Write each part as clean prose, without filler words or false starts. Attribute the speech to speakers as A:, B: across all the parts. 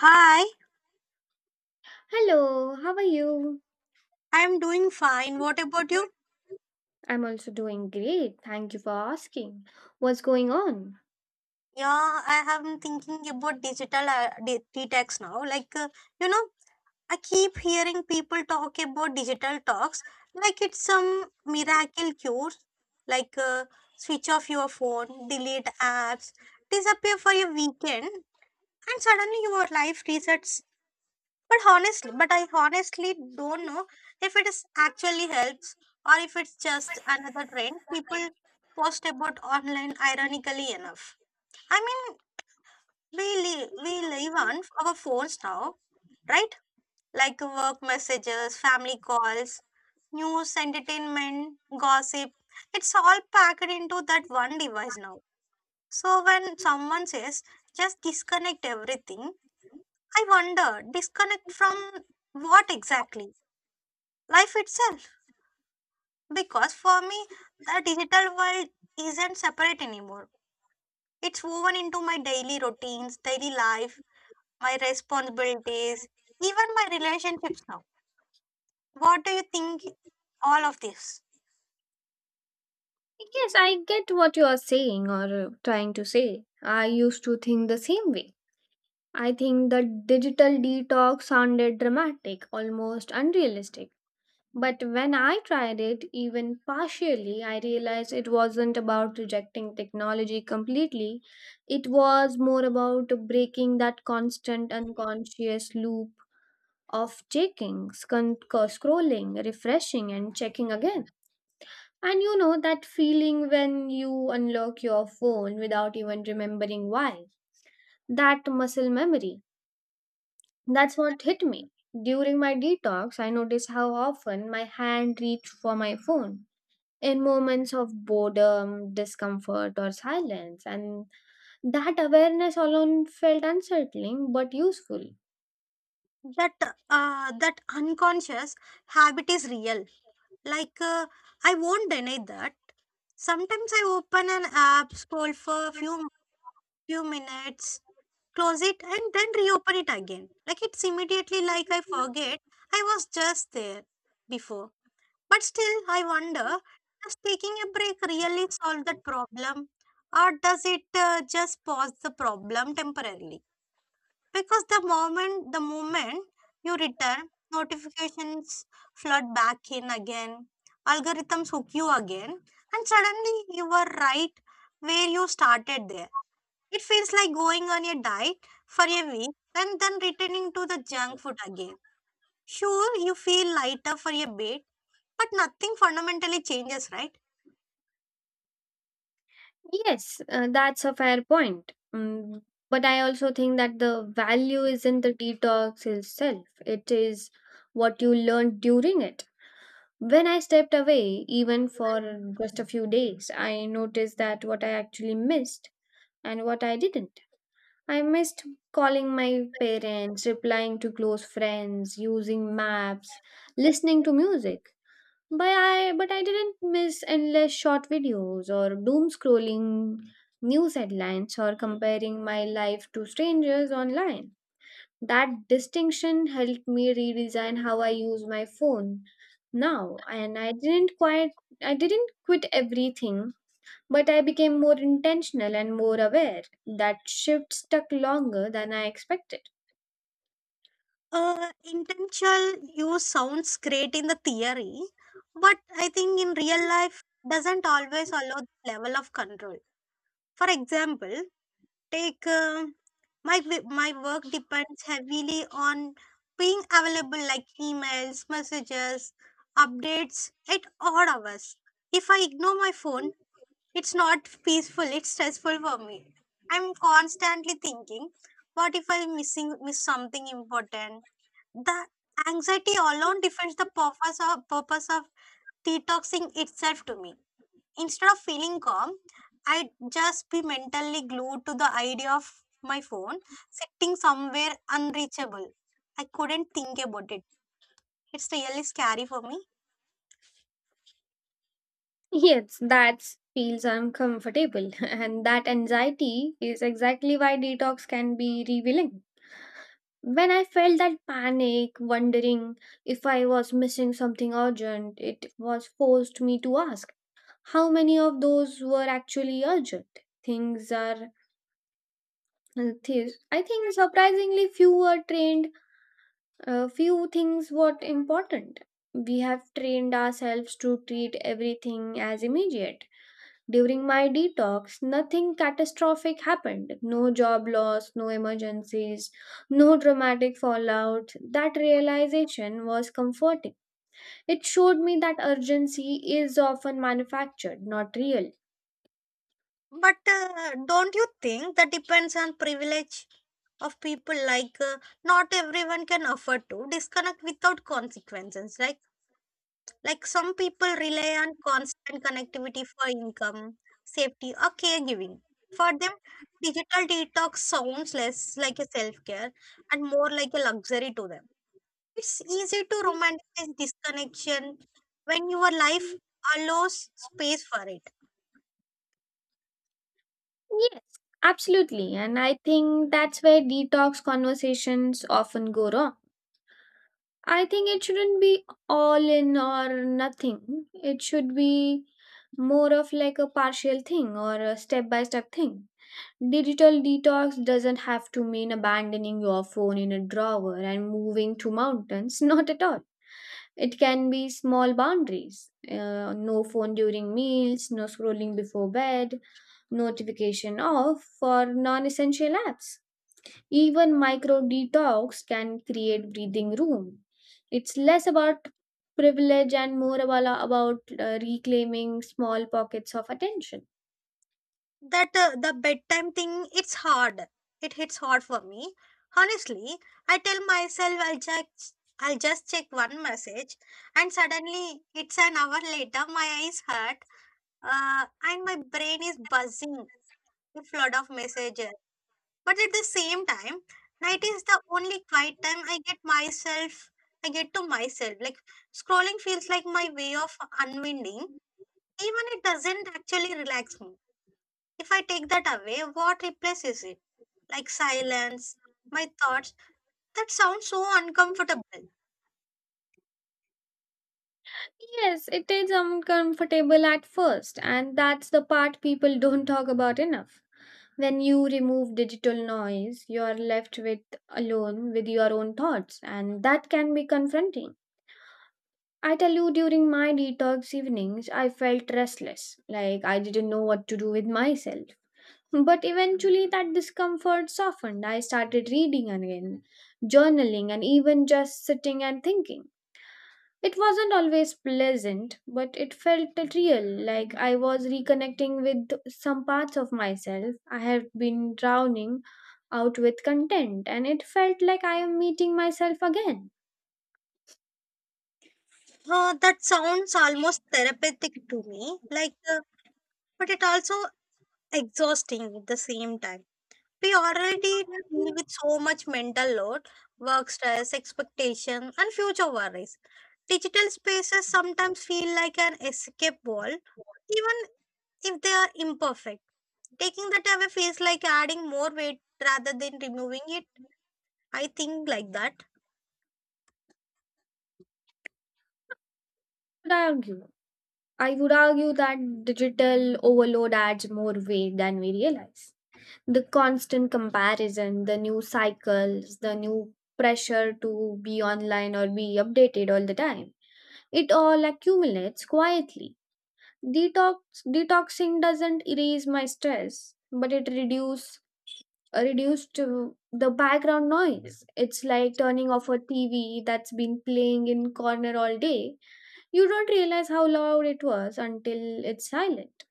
A: Hi,
B: Hello, how are you?
A: I'm doing fine. What about you?
B: I'm also doing great. Thank you for asking. What's going on?
A: Yeah, I have been thinking about digital detox now. You know, I keep hearing people talk about digital talks like it's some miracle cure. Like, uh, switch off your phone, delete apps, disappear for a weekend, and suddenly your life resets. But I honestly don't know if it is actually helps or if it's just another trend people post about online, ironically enough. I mean, we live on our phones now, right? Like work messages, family calls, news, entertainment, gossip. It's all packed into that one device now. So when someone says just disconnect everything, I wonder, disconnect from what exactly? Life itself. Because for me, the digital world isn't separate anymore. It's woven into my daily routines, daily life, my responsibilities, even my relationships now. What do you think all of this?
B: Yes, I get what you are saying or trying to say. I used to think the same way. I think the digital detox sounded dramatic, almost unrealistic. But when I tried it, even partially, I realized it wasn't about rejecting technology completely. It was more about breaking that constant unconscious loop of checking, scrolling, refreshing, and checking again. And you know that feeling when you unlock your phone without even remembering why? That muscle memory. That's what hit me. During my detox, I noticed how often my hand reached for my phone in moments of boredom, discomfort, or silence. And that awareness alone felt unsettling but useful.
A: That that unconscious habit is real. Like uh, I won't deny that. Sometimes I open an app, scroll for a few minutes, close it and then reopen it again. Like it's immediately like I forget I was just there before. But still, I wonder, does taking a break really solve that problem or does it just pause the problem temporarily? Because the moment you return, notifications flood back in again, algorithms hook you again, and suddenly you are right where you started. There it feels like going on a diet for a week and then returning to the junk food again. Sure, you feel lighter for a bit, but nothing fundamentally changes, right?
B: Yes, that's a fair point. But I also think that the value is not the detox itself, it is what you learned during it. When I stepped away, even for just a few days, I noticed that what I actually missed and what I didn't. I missed calling my parents, replying to close friends, using maps, listening to music. But I didn't miss endless short videos or doom scrolling news headlines or comparing my life to strangers online. That distinction helped me redesign how I use my phone now, and I didn't quit everything, but I became more intentional and more aware. That shift stuck longer than I expected.
A: Intentional use sounds great in the theory, but I think in real life doesn't always allow the level of control. For example, take my work depends heavily on being available, like emails, messages, updates at odd hours. If I ignore my phone, it's not peaceful, it's stressful for me. I'm constantly thinking, what if I'm missing miss something important? The anxiety alone defends the purpose of detoxing itself to me. Instead of feeling calm, I'd just be mentally glued to the idea of my phone sitting somewhere unreachable. I couldn't think about it. It's really scary for me.
B: Yes, that feels uncomfortable, and that anxiety is exactly why detox can be revealing. When I felt that panic, wondering if I was missing something urgent, it was forced me to ask how many of those were actually urgent. Things are, I think, surprisingly few were trained, few things were important. We have trained ourselves to treat everything as immediate. During my detox, nothing catastrophic happened. No job loss, no emergencies, no dramatic fallout. That realization was comforting. It showed me that urgency is often manufactured, not real.
A: But don't you think that depends on privilege of people? Not everyone can afford to disconnect without consequences. Like some people rely on constant connectivity for income, safety, or caregiving. For them, digital detox sounds less like a self care and more like a luxury to them. It's easy to romanticize disconnection when your life allows space for it.
B: Yes, absolutely. And I think that's where detox conversations often go wrong. I think it shouldn't be all in or nothing. It should be more of like a partial thing or a step by step thing. Digital detox doesn't have to mean abandoning your phone in a drawer and moving to mountains, not at all. It can be small boundaries, no phone during meals, no scrolling before bed, notification off for non essential apps. Even micro detox can create breathing room. It's less about privilege and more about, reclaiming small pockets of attention.
A: That the bedtime thing, it's hard, it hits hard for me. Honestly, I tell myself I'll just check one message and suddenly it's an hour later, my eyes hurt, and my brain is buzzing with flood of messages. But at the same time, night is the only quiet time I get to myself. Like, scrolling feels like my way of unwinding, even it doesn't actually relax me. If I take that away, what replaces it? Like silence, my thoughts. That sounds so uncomfortable.
B: Yes, it is uncomfortable at first, and that's the part people don't talk about enough. When you remove digital noise, you are left with alone with your own thoughts, and that can be confronting. I tell you, during my detox evenings, I felt restless, like I didn't know what to do with myself. But eventually, that discomfort softened. I started reading again, journaling, and even just sitting and thinking. It wasn't always pleasant, but it felt real, like I was reconnecting with some parts of myself I had been drowning out with content, and it felt like I am meeting myself again.
A: That sounds almost therapeutic to me. But it also exhausting at the same time. We already deal with so much mental load, work stress, expectation, and future worries. Digital spaces sometimes feel like an escape wall, even if they are imperfect. Taking that away feels like adding more weight rather than removing it. I think like that.
B: Would I argue? I would argue that digital overload adds more weight than we realize. The constant comparison, the new cycles, the new pressure to be online or be updated all the time, it all accumulates quietly. Detox Detoxing doesn't erase my stress, but it reduced to the background noise. It's like turning off a TV that's been playing in corner all day. You don't realize how loud it was until it's silent.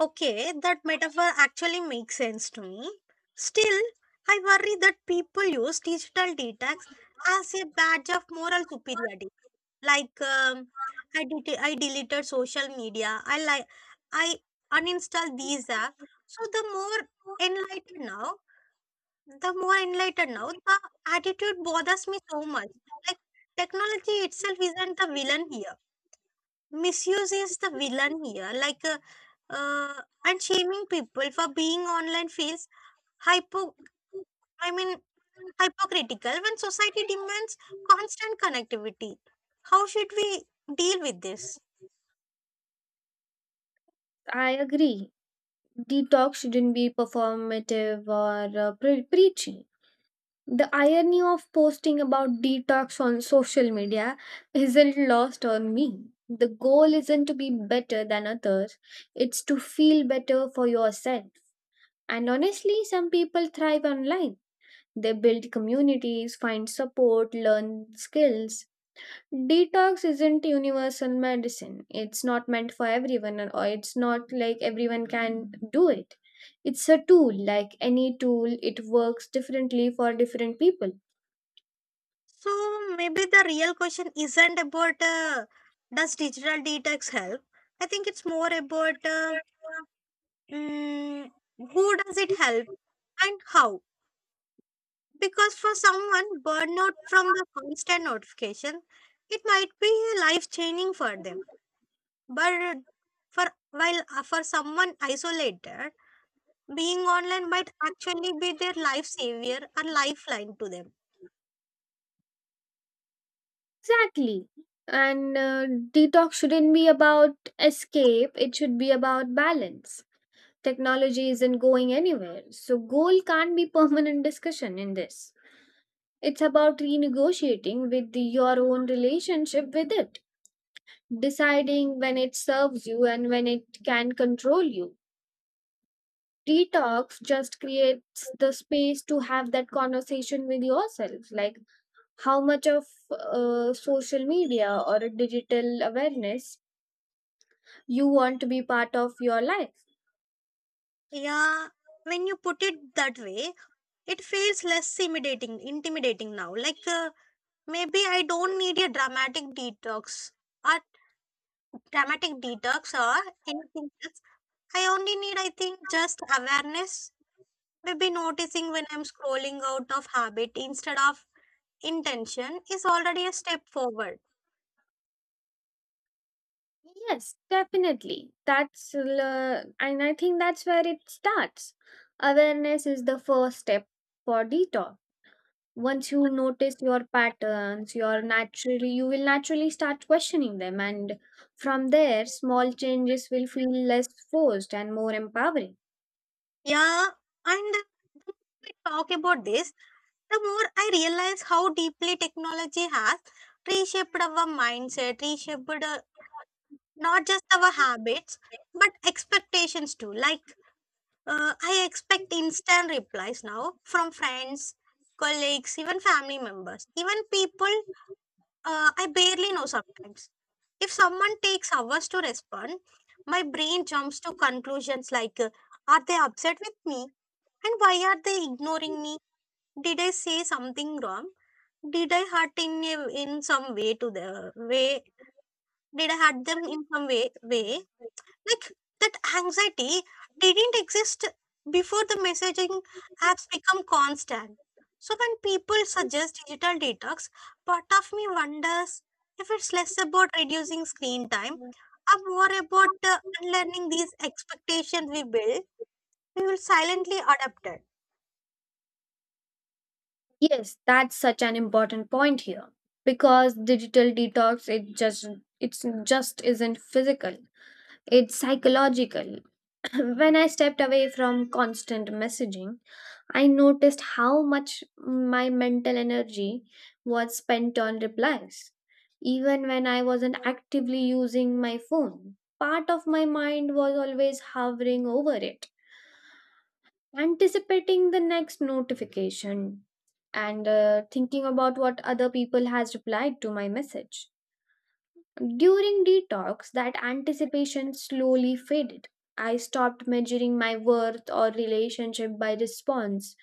A: Okay, that metaphor actually makes sense to me. Still, I worry that people use digital detox as a badge of moral superiority. Like, um, I deleted social media. I uninstalled these apps. So the more enlightened now, the attitude bothers me so much. Like, technology itself isn't the villain here. Misuse is the villain here, uh, and shaming people for being online feels hypo i mean hypocritical when society demands constant connectivity. How should we deal with this?
B: I agree. Detox shouldn't be performative or preachy. The irony of posting about detox on social media isn't lost on me. The goal isn't to be better than others, it's to feel better for yourself. And honestly, some people thrive online. They build communities, find support, learn skills. Detox isn't universal medicine. It's not meant for everyone, or it's not like everyone can do it. It's a tool, like any tool, it works differently for different people.
A: So maybe the real question isn't about, does digital detox help? I think it's more about, mm, who does it help and how? Because for someone burnout from the constant notification, it might be life changing for them. But for for someone isolated, being online might actually be their life savior or lifeline to them.
B: Exactly. And detox shouldn't be about escape, it should be about balance. Technology isn't going anywhere, so goal can't be permanent discussion in this. It's about renegotiating with your own relationship with it, deciding when it serves you and when it can control you. Detox just creates the space to have that conversation with yourself, like how much of social media or a digital awareness you want to be part of your life.
A: Yeah, when you put it that way, it feels less intimidating. Intimidating now, maybe I don't need a or dramatic detox or anything else. I only need, I think, just awareness, maybe noticing when I'm scrolling out of habit instead of intention is already a step forward.
B: Yes, definitely. And I think that's where it starts. Awareness is the first step for detox. Once you notice your patterns, you will naturally start questioning them, and from there small changes will feel less forced and more empowering.
A: Yeah, and the more we talk about this, the more I realize how deeply technology has reshaped not just our habits but expectations too. I expect instant replies now from friends, colleagues, even family members, even people I barely know sometimes. If someone takes hours to respond, my brain jumps to conclusions like, are they upset with me? And why are they ignoring me? Did I say something wrong? Did I hurt in a, in some way to the way? Did I hurt them in some way? Like, that anxiety didn't exist before the messaging apps become constant. So when people suggest digital detox, part of me wonders if it's less about reducing screen time and more about unlearning these expectations we build, we will silently adapt it.
B: Yes, that's such an important point here, because digital detox it's just isn't physical. It's psychological. When I stepped away from constant messaging, I noticed how much my mental energy was spent on replies. Even when I wasn't actively using my phone, part of my mind was always hovering over it, anticipating the next notification and thinking about what other people has replied to my message. During detox, that anticipation slowly faded. I stopped measuring my worth or relationship by response.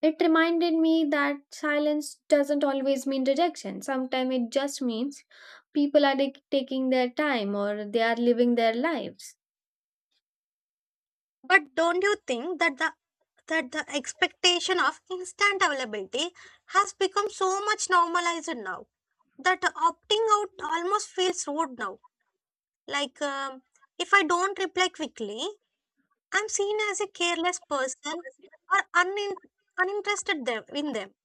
B: It reminded me that silence doesn't always mean rejection. Sometimes it just means people are like, taking their time or they are living their lives.
A: But don't you think that the expectation of instant availability has become so much normalized now? That opting out almost feels rude now. Like, um, if I don't reply quickly, I'm seen as a careless person or uninterested in them.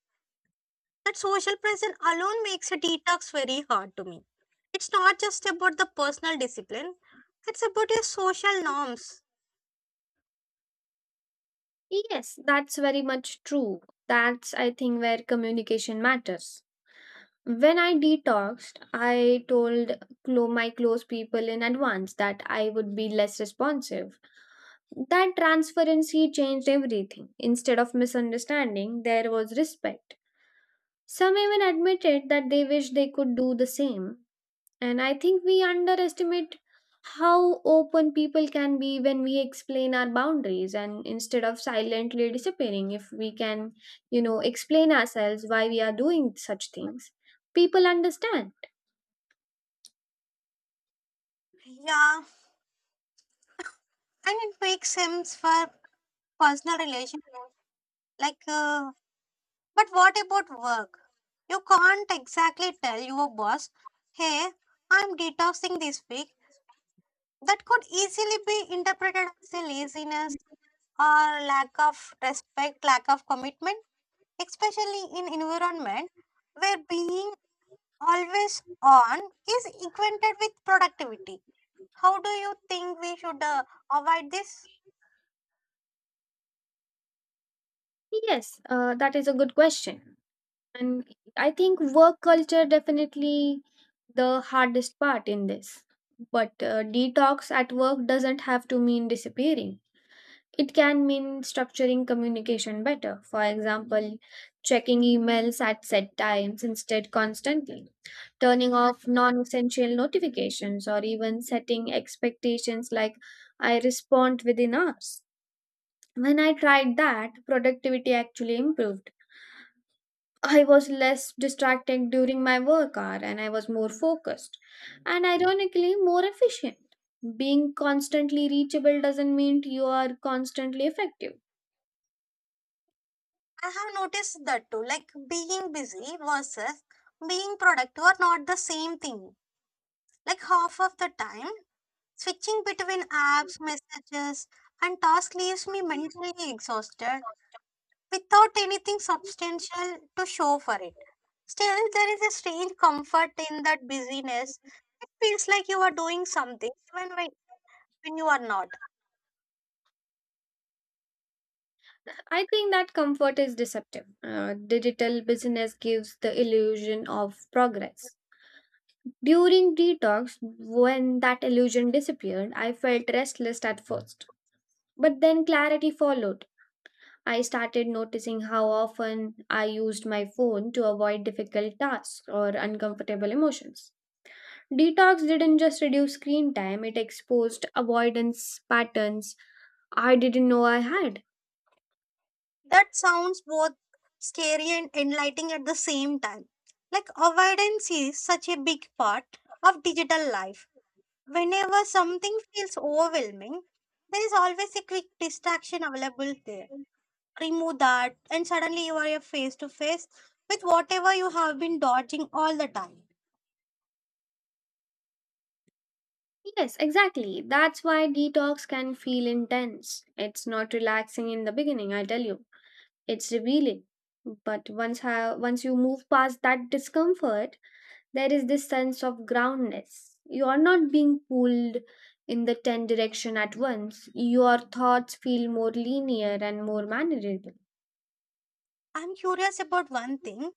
A: That social pressure alone makes a detox very hard to me. It's not just about the personal discipline, it's about your social norms.
B: Yes, that's very much true. That's, I think, where communication matters. When I detoxed, I told my close people in advance that I would be less responsive. That transparency changed everything. Instead of misunderstanding, there was respect. Some even admitted that they wish they could do the same. And I think we underestimate how open people can be when we explain our boundaries, and instead of silently disappearing, if we can, you know, explain ourselves why we are doing such things. People understand.
A: Yeah, and it makes sense for personal relation. Like, uh, But what about work? You can't exactly tell your boss, hey, I'm detoxing this week. That could easily be interpreted as a laziness or lack of respect, lack of commitment, especially in environment where being always on is equated with productivity. How do you think we should avoid this?
B: Yes, that is a good question. And I think work culture definitely the hardest part in this. But detox at work doesn't have to mean disappearing. It can mean structuring communication better. For example, checking emails at set times instead constantly, turning off non-essential notifications or even setting expectations like I respond within hours. When I tried that, productivity actually improved. I was less distracted during my work hour and I was more focused and ironically more efficient. Being constantly reachable doesn't mean you are constantly effective.
A: I have noticed that too, like being busy versus being productive are not the same thing. Like, half of the time, switching between apps, messages, and tasks leaves me mentally exhausted without anything substantial to show for it. Still, there is a strange comfort in that busyness. It feels like you are doing something when you are not.
B: I think that comfort is deceptive. Digital business gives the illusion of progress. During detox, when that illusion disappeared, I felt restless at first. But then clarity followed. I started noticing how often I used my phone to avoid difficult tasks or uncomfortable emotions. Detox didn't just reduce screen time, it exposed avoidance patterns I didn't know I had.
A: That sounds both scary and enlightening at the same time. Like, avoidance is such a big part of digital life. Whenever something feels overwhelming, there is always a quick distraction available there. Remove that, and suddenly you are face to face with whatever you have been dodging all the time.
B: Yes, exactly. That's why detox can feel intense. It's not relaxing in the beginning, I tell you. It's revealing. But once you move past that discomfort, there is this sense of groundness. You are not being pulled in the 10 direction at once. Your thoughts feel more linear and more manageable.
A: I'm curious about one thing.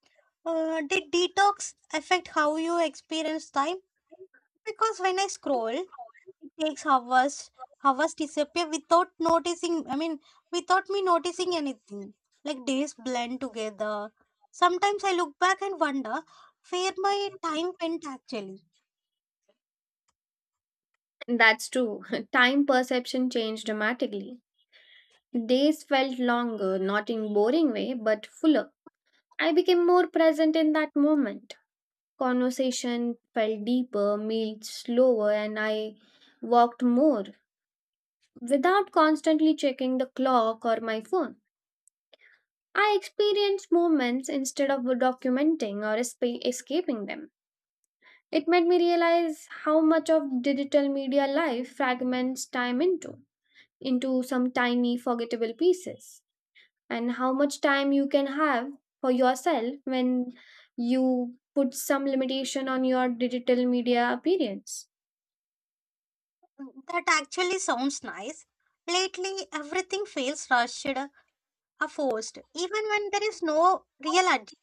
A: Did detox affect how you experience time? Because when I scroll, it takes hours. Hours disappear without noticing. I mean, without me noticing anything. Like, days blend together. Sometimes I look back and wonder where my time went actually.
B: That's true. Time perception changed dramatically. Days felt longer, not in boring way, but fuller. I became more present in that moment. Conversation felt deeper, meals slower, and I walked more without constantly checking the clock or my phone. I experienced moments instead of documenting or escaping them. It made me realize how much of digital media life fragments time into some tiny forgettable pieces, and how much time you can have for yourself when you put some limitation on your digital media appearance.
A: That actually sounds nice. Lately, everything feels rushed or forced, even when there is no real urgency.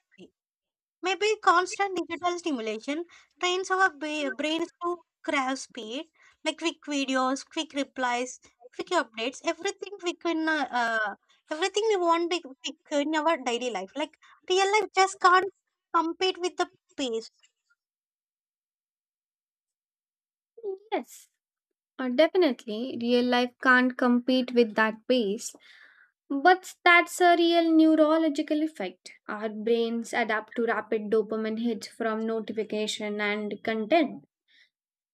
A: Maybe constant digital stimulation trains our brains to crave speed, like quick videos, quick replies, quick updates, everything we can, everything we want to quick in our daily life. Like, real life just can't compete with the pace.
B: Yes, definitely, real life can't compete with that pace. But that's a real neurological effect. Our brains adapt to rapid dopamine hits from notification and content.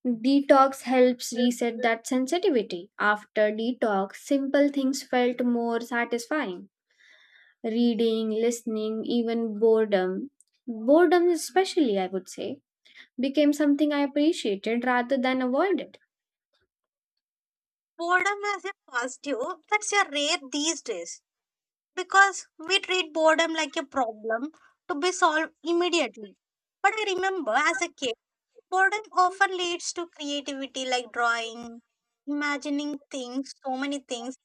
B: Detox helps reset that sensitivity. After detox, simple things felt more satisfying. Reading, listening, even boredom. Boredom, especially, I would say, became something I appreciated rather than avoided.
A: Boredom as a positive, that's a rare these days because we treat boredom like a problem to be solved immediately. But I remember as a kid, boredom often leads to creativity, like drawing, imagining things, so many things.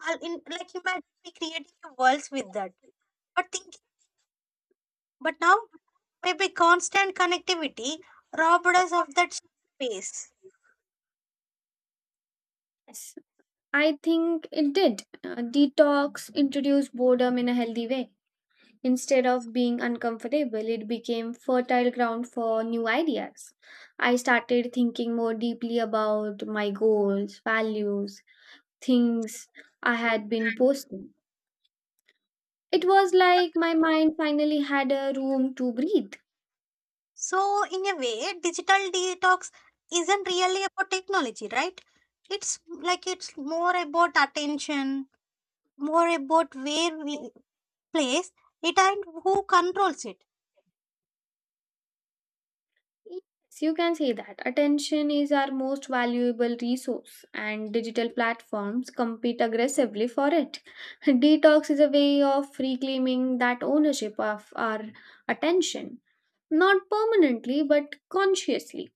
A: I'll in, like imagine me creating worlds with that. But thinking, but now maybe constant connectivity robbed us of that space.
B: Yes, I think it did. Detox introduced boredom in a healthy way. Instead of being uncomfortable, it became fertile ground for new ideas. I started thinking more deeply about my goals, values, things I had been posting. It was like my mind finally had a room to breathe.
A: So in a way, digital detox isn't really about technology, right? It's like, it's more about attention, more about where we place it and who controls it.
B: Yes, you can say that. Attention is our most valuable resource, and digital platforms compete aggressively for it. Detox is a way of reclaiming that ownership of our attention. Not permanently, but consciously.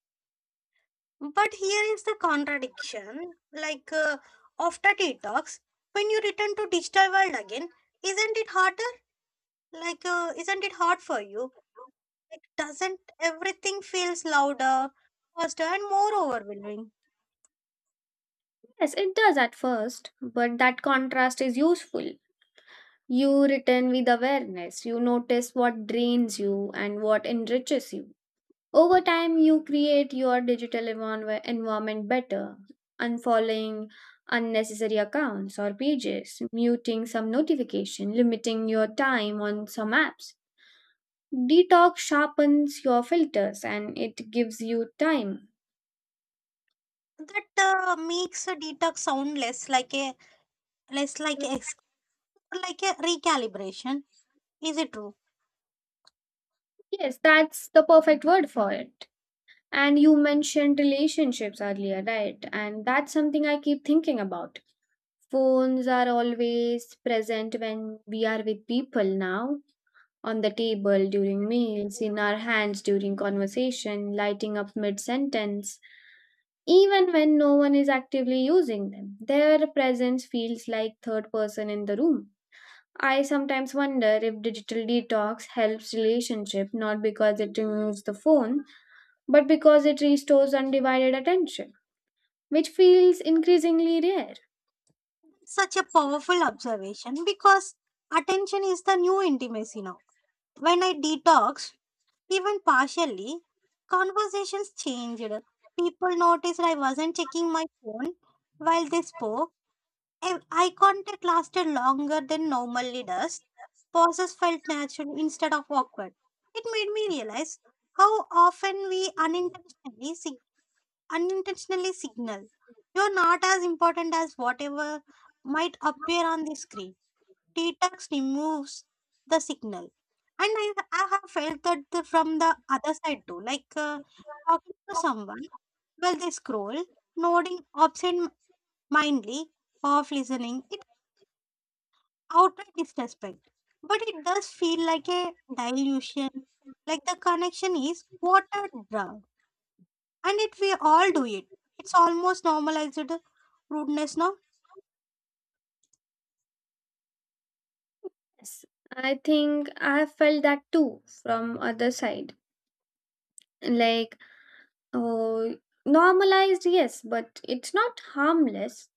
A: But here is the contradiction. After detox, when you return to digital world again, isn't it harder? Isn't it hard for you? Like, doesn't everything feels louder, faster, and more overwhelming?
B: Yes, it does at first, but that contrast is useful. You return with awareness, you notice what drains you and what enriches you. Over time, you create your digital environment better, unfollowing unnecessary accounts or pages, muting some notification, limiting your time on some apps. Detox sharpens your filters and it gives you time.
A: That makes a detox sound less like like a recalibration. Is it true?
B: Yes, that's the perfect word for it. And you mentioned relationships earlier, right? And that's something I keep thinking about. Phones are always present when we are with people now, on the table during meals, in our hands during conversation, lighting up mid sentence. Even when no one is actively using them, their presence feels like third person in the room. I sometimes wonder if digital detox helps relationship not because it removes the phone, but because it restores undivided attention which feels increasingly rare.
A: Such a powerful observation because attention is the new intimacy now. When I detox, even partially, conversations changed. People noticed I wasn't checking my phone while they spoke, and eye contact lasted longer than normally does. Pauses felt natural instead of awkward. It made me realize how often we unintentionally signal, you're not as important as whatever might appear on the screen. Detox removes the signal. And I have felt that from the other side too, talking to someone while they scroll, nodding absent mindedly, off listening, it outright disrespect. But it does feel like a dilution, like the connection is watered down, and it we all do it. It's almost normalized rudeness now.
B: Yes, I think I have felt that too from other side. Like, oh, normalized, yes, but it's not harmless.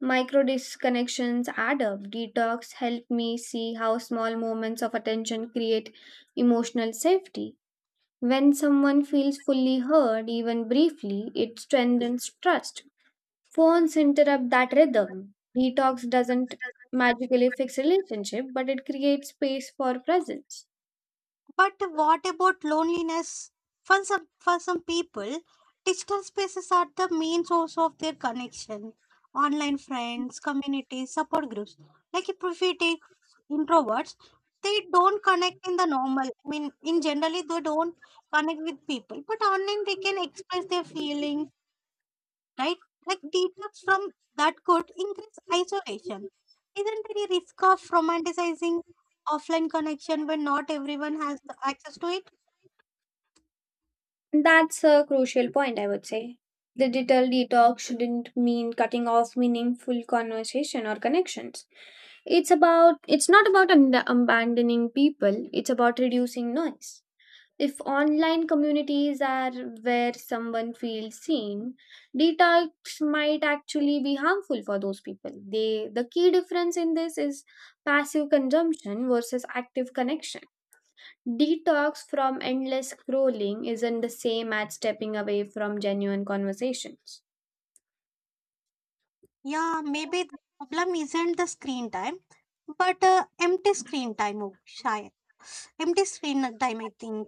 B: Micro disconnections add up. Detox helped me see how small moments of attention create emotional safety. When someone feels fully heard, even briefly, it strengthens trust. Phones interrupt that rhythm. Detox doesn't magically fix relationship, but it creates space for presence.
A: But what about loneliness? For some people, digital spaces are the main source of their connection. Online friends, communities, support groups. Like, if we take introverts, they don't connect in the normal. I mean, in generally, they don't connect with people. But online, they can express their feelings, right? Like, detox from that could increase isolation. Isn't there a risk of romanticizing offline connection when not everyone has the access to it?
B: That's a crucial point, I would say. Digital detox shouldn't mean cutting off meaningful conversation or connections. It's not about abandoning people, it's about reducing noise. If online communities are where someone feels seen, detox might actually be harmful for those people. They, the key difference in this is passive consumption versus active connection. Detox from endless scrolling isn't the same as stepping away from genuine conversations.
A: Yeah, maybe the problem isn't the screen time, but empty screen time. Oh, Shy. Empty screen time, I think.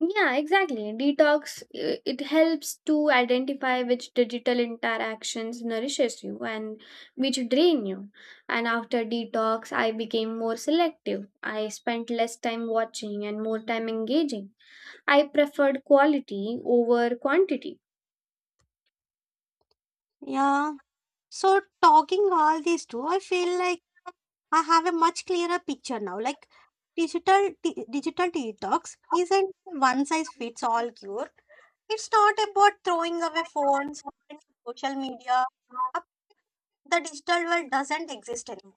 B: Yeah, exactly. It helps to identify which digital interactions nourishes you and which drain you. And after detox, I became more selective. I spent less time watching and more time engaging. I preferred quality over quantity.
A: Yeah. So talking all these two, I feel like I have a much clearer picture now. Like, digital detox isn't one size fits all cure. It's not about throwing away phones, social media. Uh, The digital world doesn't exist anymore.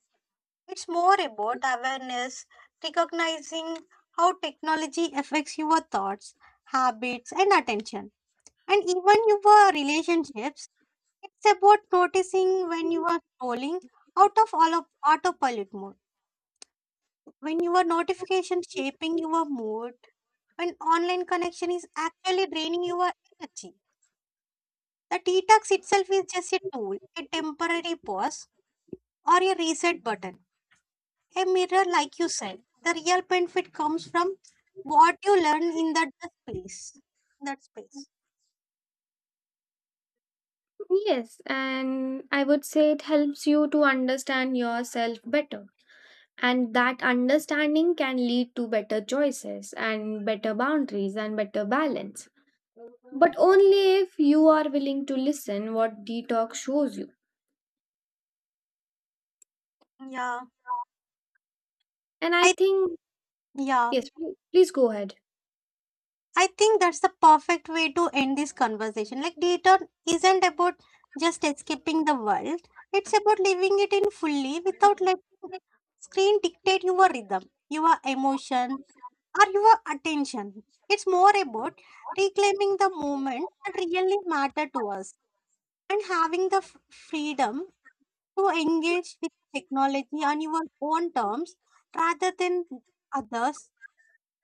A: It's more about awareness, recognizing how technology affects your thoughts, habits, and attention, and even your relationships. It's about noticing when you are scrolling out of all of autopilot mode, when your notification shaping your mood, when online connection is actually draining your energy. The detox itself is just a tool, a temporary pause, or a reset button. A mirror, like you said, the real benefit comes from what you learn in that space. That space.
B: Yes, and I would say it helps you to understand yourself better. And that understanding can lead to better choices and better boundaries and better balance, but only if you are willing to listen what detox shows you.
A: Yeah.
B: And I
A: I
B: think
A: yeah.
B: yes, please go ahead.
A: I think that's the perfect way to end this conversation. Like, data isn't about just escaping the world. It's about living it in fully without letting screen dictate your rhythm, your emotion, or your attention. It's more about reclaiming the moment that really matter to us, and having the freedom to engage with technology on your own terms rather than others.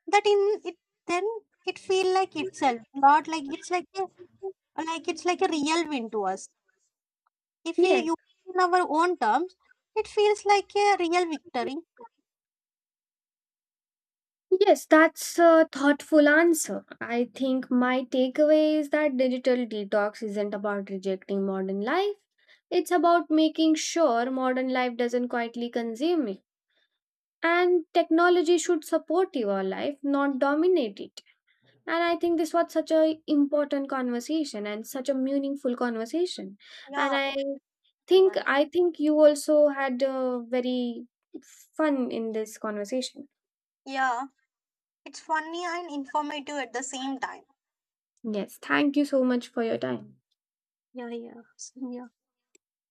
A: That in it, then it feel like itself, not like it's like a, like it's like a real win to us if we
B: Yes,
A: use it in our own terms. It feels like a real victory.
B: yes, that's a thoughtful answer. I think my takeaway is that digital detox isn't about rejecting modern life, it's about making sure modern life doesn't quietly consume you, and technology should support your life, not dominate it. And I think this was such a important conversation and such a meaningful conversation. And
A: Yeah, it's relevant.
B: I think you also had very fun in this conversation.
A: Yeah, it's funny and informative at the same time.
B: Yes, thank you so much for your time.
A: Yeah, yeah, yeah.